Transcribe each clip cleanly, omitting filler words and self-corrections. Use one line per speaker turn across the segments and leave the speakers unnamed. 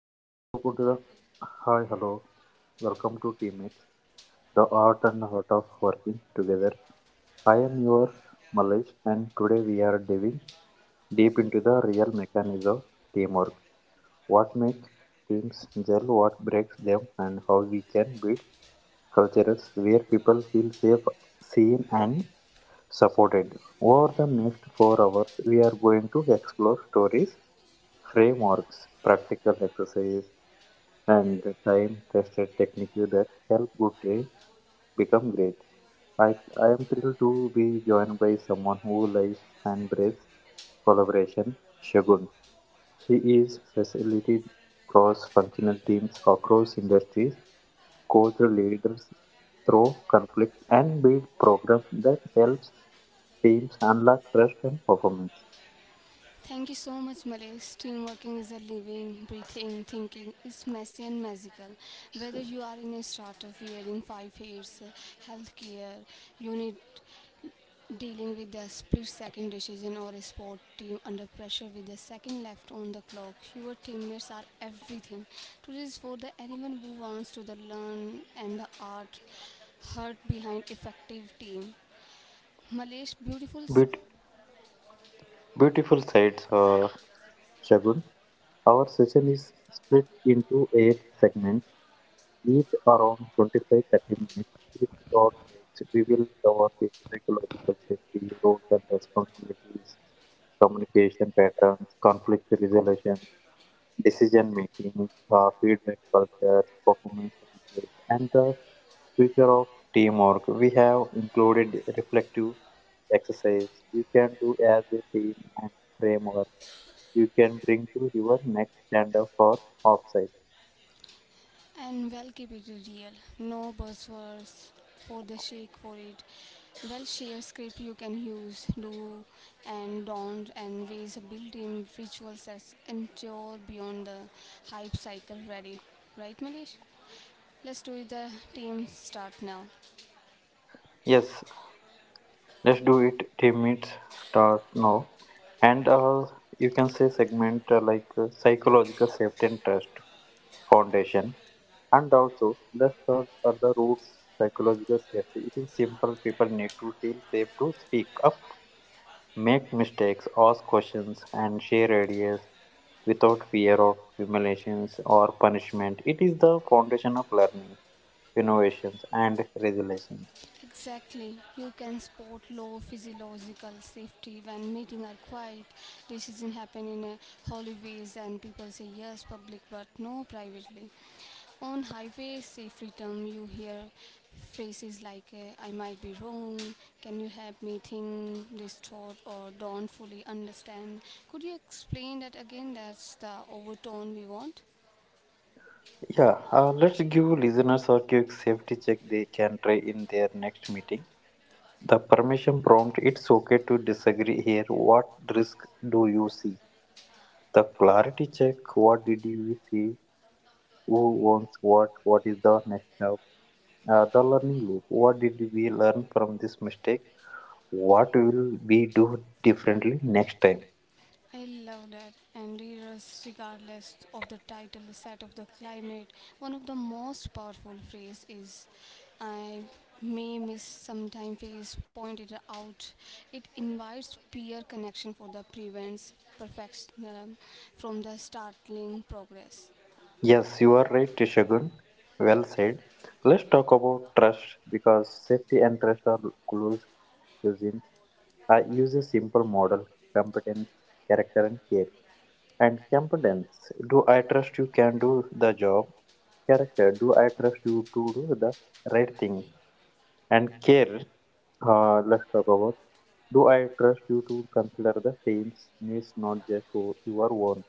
Welcome to the Hi, hello. Welcome to Teammates, the art and heart of working together. I am your Malesh, and today we are diving deep into the real mechanism of teamwork. What makes teams gel, what breaks them, and how we can build cultures where people feel safe, seen, and supported. Over the next 4 hours, we are going to explore stories, frameworks, practical exercises and time tested technique that help good teams become great. I, I am thrilled to be joined by someone who lives and breathes collaboration, Shagun. She is facilitated cross functional teams across industries, coach leaders through conflict, and build programs that helps teams unlock trust and performance.
Thank you so much, Malesh. Teamworking is a living, breathing, thinking. It's messy and magical. Whether you are in a startup year in 5 years, healthcare, you need dealing with the split second decision or a sport team under pressure with a second left on the clock, your teammates are everything. Today is for the anyone who wants to the learn and the art heart behind effective team. Malay's beautiful
Beaut- beautiful sides, Shagun. Our session is split into eight segments each around 25 30 minutes with short breaks. We will cover the psychological safety, roles and responsibilities, communication patterns, conflict resolution, decision making, feedback cultures, performance rituals, and the future of teamwork. We have included reflective exercise you can do as a team and framework you can bring to your next stand up for offsite.
and well keep it real. No buzzwords for the shake for it. Well share script you can use, do and don't and ways of built-in rituals that endure beyond the hype cycle ready. Right Malesh? Let's do it. The team start now.
Yes, let's do it. Team meets starts now, and you can say segment like psychological safety and trust foundation. And also, let's start at the roots psychological safety. It is simple. People need to feel safe to speak up, make mistakes, ask questions, and share ideas without fear of humiliations or punishment. It is the foundation of learning, innovations, and resilience.
Exactly. You can spot low physiological safety when meeting are quiet. Decisions happen in a holy ways and people say yes public but no privately. On highway safety term you hear phrases like I might be wrong, can you help me think this thought or don't fully understand. Could you explain that again? That's the overtone we want.
Yeah, let's give listeners a quick safety check they can try in their next meeting. The permission prompt it's okay to disagree here. What risk do you see? The clarity check what did you see? Who owns what? What is the next step? The learning loop what did we learn from this mistake? What will we do differently next time?
I love that. And readers, regardless of the title, the set of the climate, one of the most powerful phrase is I may miss sometime phase pointed out. It invites peer connection for the prevents perfectionism from the startling progress.
Yes, you are right, Shagun. Well said. Let's talk about trust because safety and trust are close cousins. I use a simple model competence, character, and care. And competence do I trust you can do the job? Character do I trust you to do the right thing? And care let's talk about do I trust you to consider the team's needs, not just your own?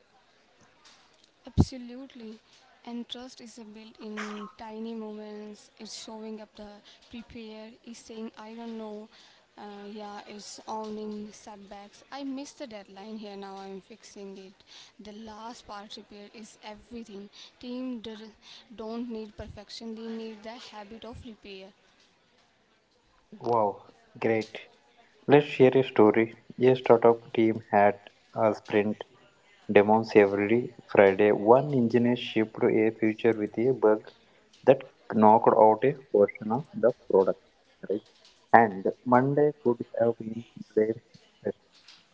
Absolutely. And trust is a built in tiny moments. It's showing up the prepare, is saying, I don't know. Uh, yeah, it's owning setbacks. I missed the deadline here. Now I'm fixing it. The last part repair is everything. Team don't need perfection. They need the habit of repair.
Wow, great. Let's share a story. A startup team had a sprint demons every Friday, one engineer shipped a feature with a bug that knocked out a portion of the product. Right? And Monday could have been blamed first.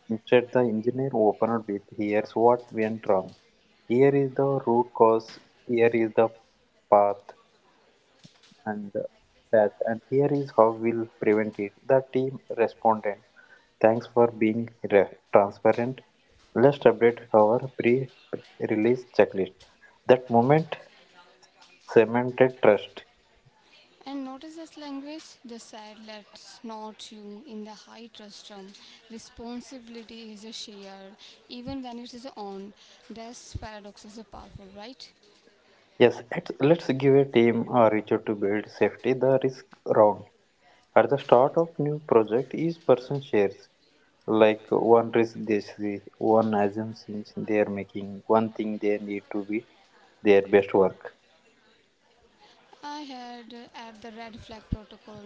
Instead, the engineer opened with here's what went wrong. Here is the root cause, here is the path and patch, and here is how we'll prevent it. The team responded thanks for being transparent. Let's update our pre release checklist. That moment cemented trust.
And notice this language? The sad lets not you in the high trustrum. Responsibility is a shared, even when it is on. This paradox is a powerful, right?
Yes, let's give a team a ritual to build safety. The risk round. At the start of new project, each person shares like one risk they see, one assumptions they are making, one thing they need to be their best work.
I had at the red flag protocol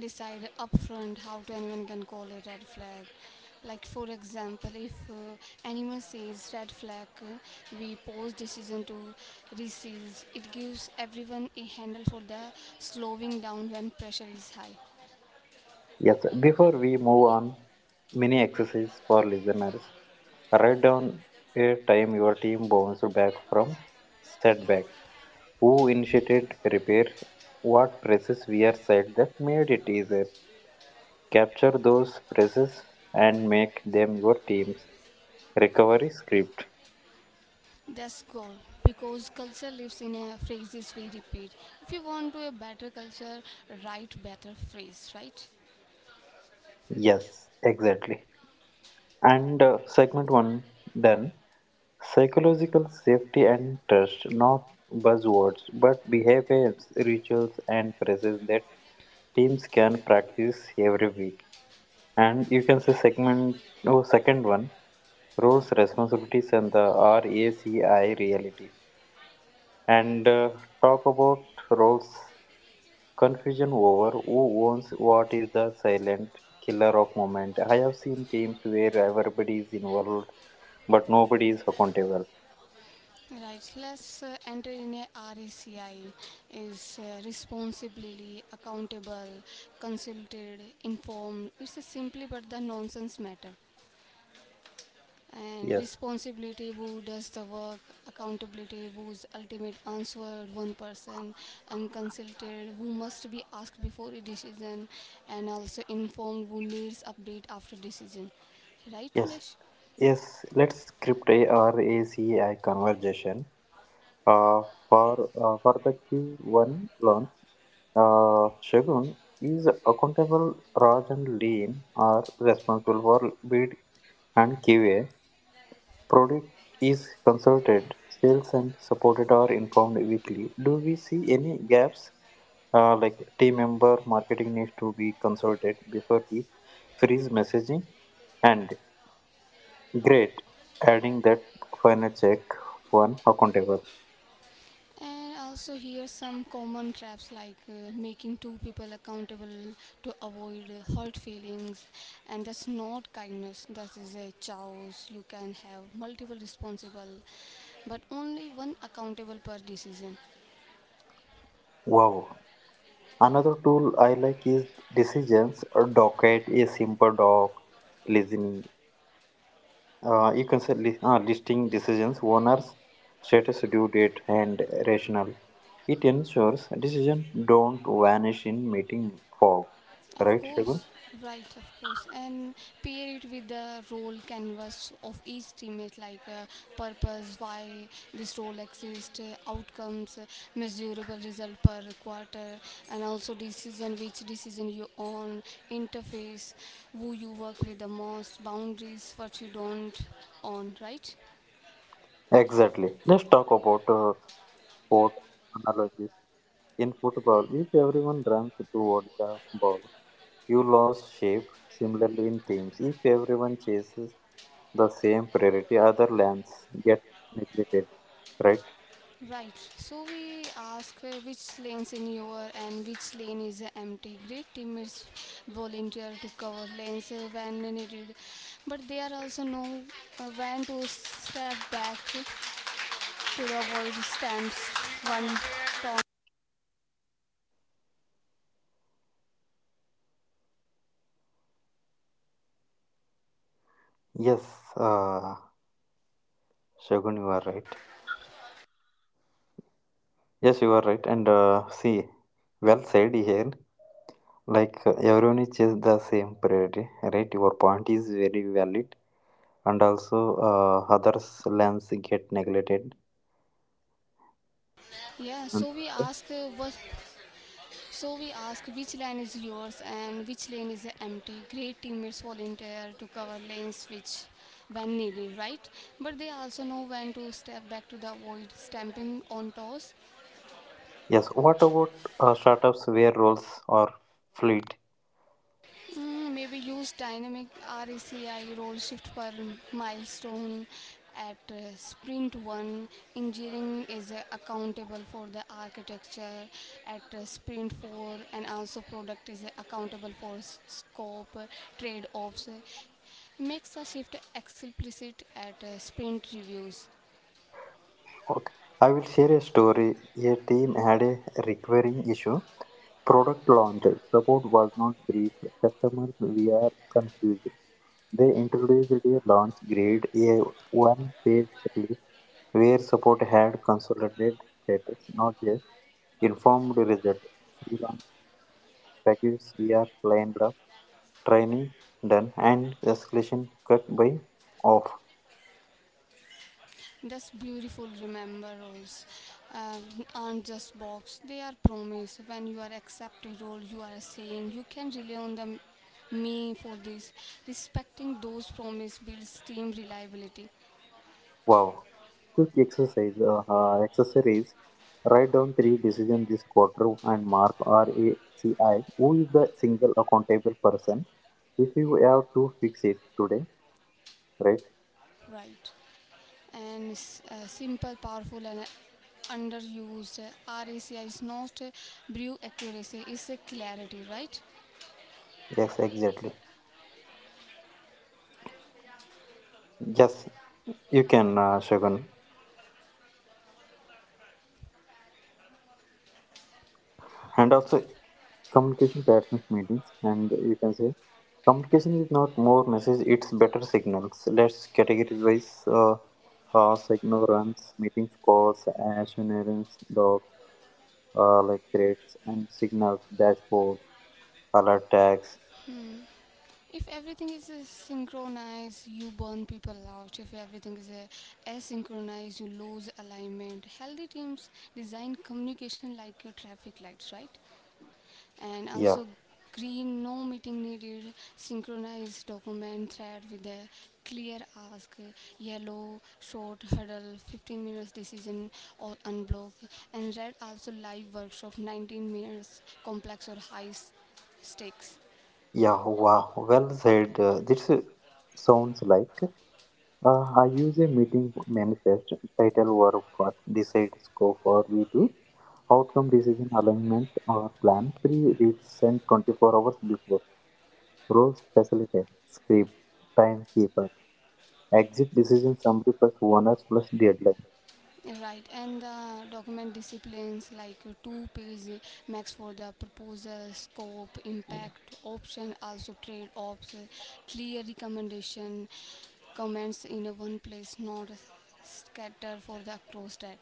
decided upfront how to anyone can call it red flag. Like for example, if anyone says red flag, we pause decision to reseize. It gives everyone a handle for the slowing down when pressure is high.
Yes, before we move on, mini exercise for listeners. Write down a time your team bounced back from setback. Who initiated repair? What presses were said that made it easier? Capture those presses and make them your team's recovery script.
That's goal because culture lives in a phrases we repeat. If you want to a better culture, write better phrase, right?
Yes, exactly. And segment one done. Psychological safety and trust, not buzzwords, but behaviors, rituals, and practices that teams can practice every week. And you can say segment, oh, second one, roles, responsibilities, and the RACI reality. And talk about roles, confusion over who owns what is the silent killer of moment. I have seen teams where everybody is involved, but nobody is accountable.
Right. Let's enter in a RECI is responsibility, accountable, consulted, informed. It's a simply but the nonsense matter. And
Yes,
responsibility who does the work accountability whose ultimate answer one person unconsulted who must be asked before a decision and also informed who needs update after decision right
yes,
Milesh?
yes. Let's script a RACI conversation. Uh, for the Q1 launch. Shogun is accountable. Raj and Lean are responsible for bid and QA. Product is consulted. Sales and supported are informed weekly. Do we see any gaps? Like team member marketing needs to be consulted before we freeze messaging. And great, adding that final check one accountable.
And also here some common traps like making two people accountable to avoid hurt feelings and that's not kindness that is a chaos you can have multiple responsible but only one accountable per decision.
Wow. Another tool I like is decisions, a docket, a simple doc, listening you can say listing decisions, owners, status, due date, and rationale. It ensures decisions don't vanish in meeting fog.
Of
Right, Shagun?
course, right, of course. And pair it with the role canvas of each teammate, like purpose, why this role exists, outcomes, measurable result per quarter, and also decision, which decision you own, interface, who you work with the most, boundaries, what you don't own, right?
Exactly. Let's talk about sport analogies. In football, if everyone runs toward the ball, you lose shape. Similarly, in teams, if everyone chases the same priority, other lands get neglected. Right?
Right. So we ask which lanes in your and which lane is empty. Great teammates volunteer to cover lanes when needed, but they are also know when to step back to avoid stamps one. Tom.
Yes, uh, Shagun, you are right. Yes, you are right. And see, well said here. Like everyone is just the same priority, right? Your point is very valid, and also others' lands get neglected.
Yeah.
And also,
So we ask which lane is yours and which lane is empty. Great teammates volunteer to cover lanes which when needed, right? But they also know when to step back to avoid stamping on toes.
yes. What about startups where roles are fluid?
Mm, maybe use dynamic RACI roll shift per milestone at sprint 1 engineering is accountable for the architecture at sprint 4 and also product is accountable for scope trade-offs makes the shift explicit at sprint reviews.
Okay. I will share a story. A team had a recurring issue. Product launched. Support was not briefed. Customers were confused. They introduced a launch grid, a one page checklist where support had consolidated status, not just informed result. Pre launch packages were lined up, training done, and escalation cut by off.
Just beautiful remember roles uh, aren't just box. They are promise. When you are accepting role, you are saying you can rely on the me for this. Respecting those promise builds team reliability,
Wow. Quick exercise accessories. Write down three decisions this quarter and mark RACI. Who is the single accountable person? If you have to fix it today, right?
right? And simple, powerful, and underused. RACI is not a brew accuracy; it's a clarity, right?
Yes, exactly. Yes, you can, Shagun. And also, communication patterns meetings, and you can say communication is not more message; it's better signals. Let's categorize ignorance, meetings, calls, assurance, logs. Like threats and signals, dashboards, alert tags.
If everything is synchronized, you burn people out. If everything is asynchronized, you lose alignment. Healthy teams design communication like your traffic lights, right? And
Yeah,
also green, no meeting needed, synchronized document thread with a clear ask, yellow, short huddle, 15 minutes decision or unblock, and red also live workshop, 19 minutes complex or high stakes.
yeah, wow, well said. This sounds like I use a meeting manifest title or for decide scope or V2 outcome decision alignment or plan pre read sent 24 hours before, roles facilitator script timekeeper exit decision summary plus owners plus deadline.
Right, and the document disciplines like two-page max for the proposal, scope, impact, option, also trade offs, clear recommendation, comments in a one place, not scatter for the across that.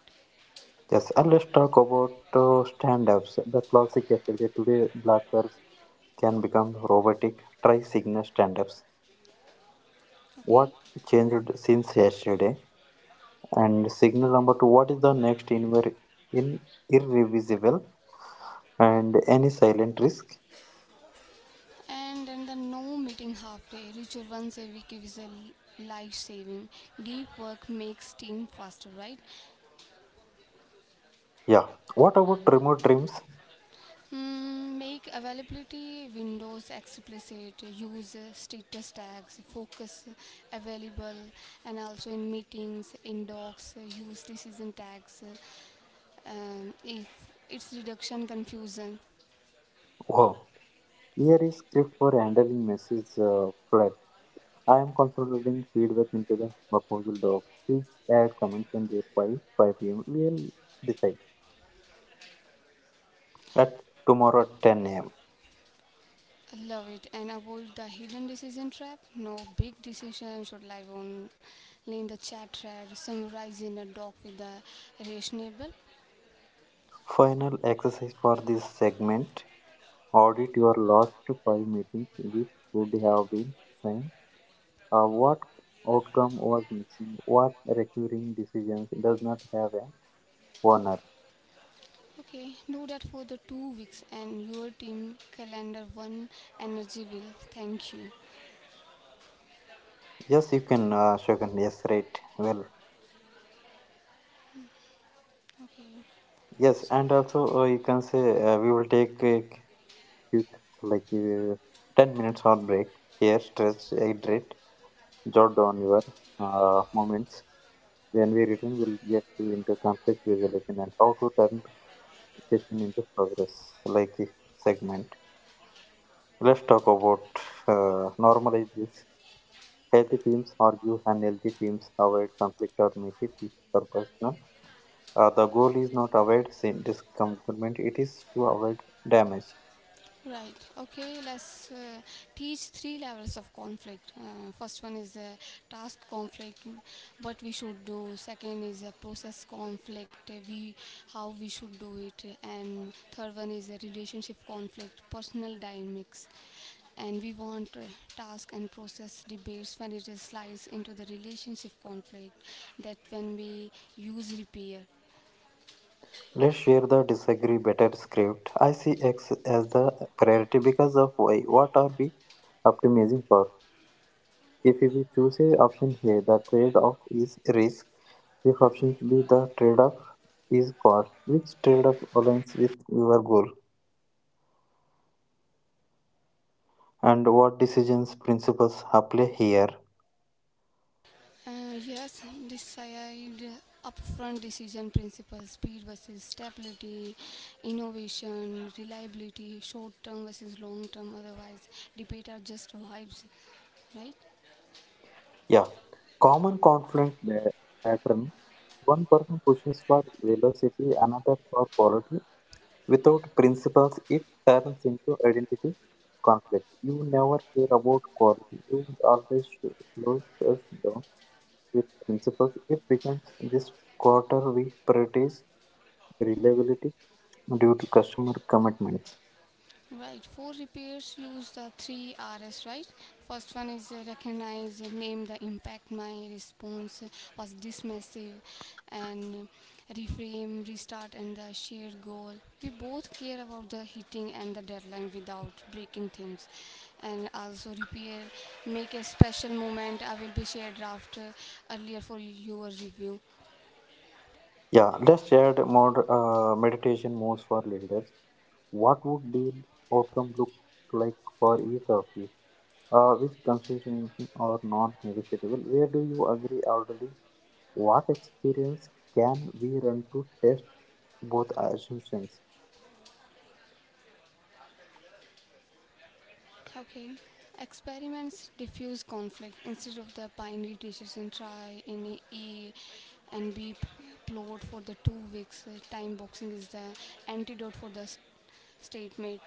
Yes, and let's talk about stand-ups the classic yesterday today blockers can become robotic. Try signal stand ups.
Okay,
What changed since yesterday? And signal number two, what is the next inver- in irreversible and any silent risk?
and then the no meeting half day ritual once a week is a life saving. Deep work makes team faster, right?
Yeah. What about remote dreams?
Mm, make availability windows explicit, use status tags, focus available, and also in meetings, in docs, use decision tags. If it's reduction confusion,
Wow. Here is script for handling message flat. I am consolidating feedback into the proposal doc. Please add comments and there by 5 pm. We'll decide at tomorrow at 10 am.
I love it, and avoid the hidden decision trap. No big decision should lie only in the chat thread, summarized in a doc with the reasonable.
Final exercise for this segment. Audit your last five meetings, which could have been seen. What outcome was missing? What recurring decisions does not have an owner?
Okay, do that for the 2 weeks and your team calendar one energy will thank you.
Yes, you can, Shogun. Yes, right. Well,
Okay,
yes,
so
and also you can say we will take a quick, like 10 minutes or break here, stretch, hydrate, jot down your moments. When we return, we'll get to into conflict resolution and how to turn session into progress, like a segment. Let's talk about normalize this. Healthy teams argue, and healthy teams avoid conflict or make it or personal. The goal is not avoid discomfort; it is to avoid damage.
right. Okay. Let's teach three levels of conflict. First one is task conflict, what we should do. Second is process conflict, we how we should do it, and third one is a relationship conflict, personal dynamics. And we want task and process debates when it is slides into the relationship conflict. That when we use repair.
Let's share the disagree better script. I see X as the priority because of Y. What are we optimizing for? If we choose a option here, the trade-off is risk. If option B, the trade-off is cost. Which trade-off aligns with your goal? And what decisions principles apply here?
Yes, decide upfront decision principles, speed versus stability, innovation, reliability, short term versus long term. Otherwise, debate are just vibes, right?
Yeah, common conflict pattern. One person pushes for velocity, another for quality. Without principles it turns into identity conflict. You never care about quality, you always slows us down. With principles it becomes this quarter we prioritize reliability due to customer commitments.
Right, four repairs use the three R's, right? First one is recognize, name the impact, my response was dismissive, and reframe, restart, and the shared goal. We both care about the hitting and the deadline without breaking things. And also repair, make a special moment. I will be shared draft earlier for your review.
Yeah, let's add more meditation modes for leaders. What would deal outcome look like for each of you? Which constitution are non-negotiable? Where do you agree already? What experience can we run to test both assumptions?
Okay. Experiments diffuse conflict instead of the binary decision try in A and B plot for the 2 weeks. Time boxing is the antidote for the stalemate.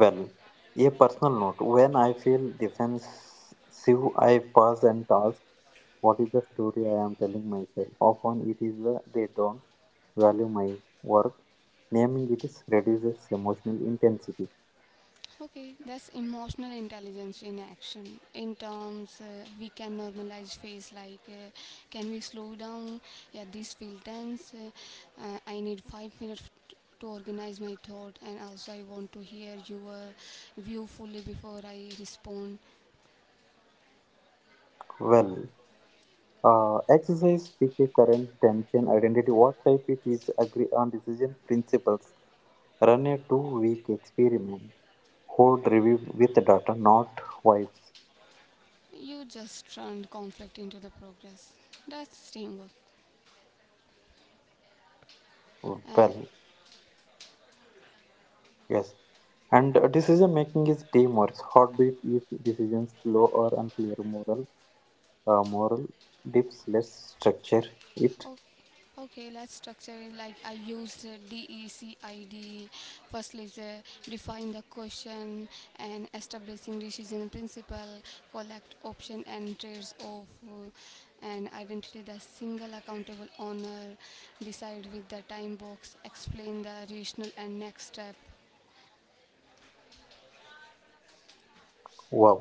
Well, a personal note. When I feel defensive, I pause and ask, what is the story I am telling myself? Often it is the they don't value my work. Naming it is reduces emotional intensity.
Okay, that's emotional intelligence in action. In terms, we can normalize face like, can we slow down? Yeah, this feel tense. I need 5 minutes to organize my thought, and also I want to hear your view fully before I respond.
Well, Exercise pick a current tension, identity what type it is, agree on decision principles, run a 2 week experiment, hold review with the data not vibes.
You just turn conflict into the progress. That's teamwork. Uh,
Well yes, and decision making is teamwork heartbeat. If decisions slow or unclear moral uh, moral dips, let's structure it.
O- Okay, let's structure it like I used DECID. Firstly, is, define the question and establishing decision principle, collect option and trades of, and identify the single accountable owner, decide with the time box, explain the rational and next step.
Wow.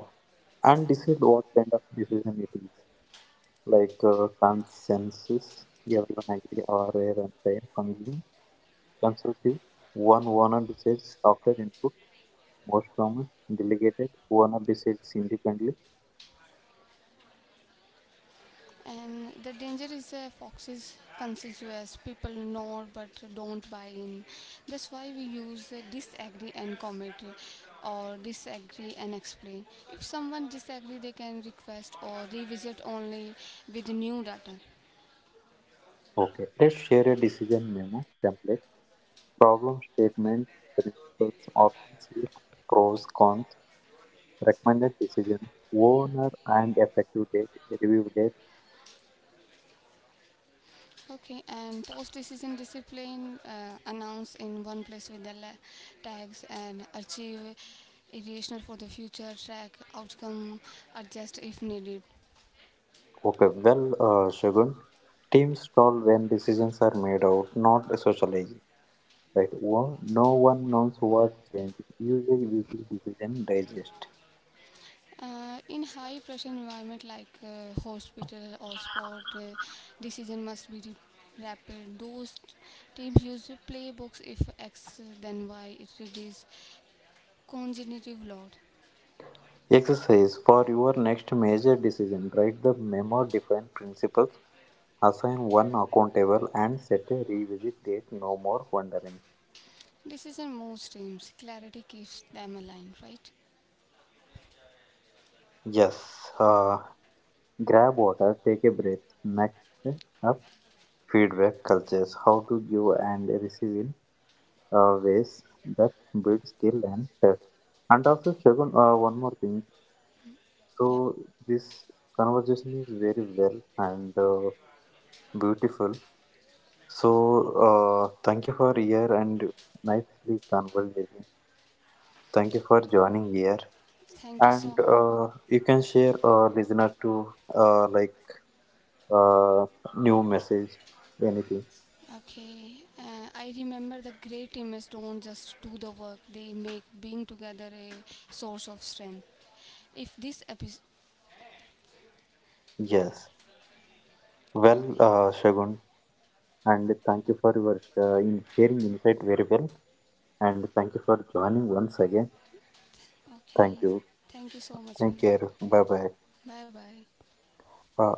And decide what kind of decision it is, like consensus everyone agree, or a runtime consume. Consecutive, one owner decides after input. Most common, delegated, owner decides independently.
And the danger is foxes conspicuous. People know but don't buy in. That's why we use disagree and comment or disagree and explain. If someone disagree, they can request or revisit only with new data.
Okay, let's share a decision memo template, problem statement, principles, options with pros, cons, recommended decision, owner and effective date, review date.
Okay, and post-decision discipline announce in one place with the tags and achieve irrational for the future track outcome adjust if needed.
Okay, well, Shagun, teams stall when decisions are made out, not socialized. Right, no one knows what changed. Use a weekly decision digest.
In high pressure environment like hospital or sport, decision must be rapid. Those teams use playbooks if X then Y. It reduces cognitive load.
Exercise for your next major decision. Write the memo, define principles, assign one accountable, and set a revisit date. No more wondering.
Decision moves teams. Clarity keeps them aligned. Right?
Yes, grab water, take a breath. Next up, feedback cultures. How to give and receive in ways that build skill and trust. And also, Shagun, one more thing.
Yep.
So, this conversation is very well and beautiful. So, thank you for here and nicely conversation. Thank you for joining here.
Thank you
And
so.
you can share our listener to like uh, new message, anything.
Okay. I remember the great teammates don't just do the work. They make being together a source of strength. If this episode.
Yes. Well,
Okay.
Shagun, and thank you for your in sharing insight very well. And thank you for joining once again.
Okay.
Thank you.
Thank you so much,
Take care.
Manoj.
Bye bye.
Bye bye.
Uh,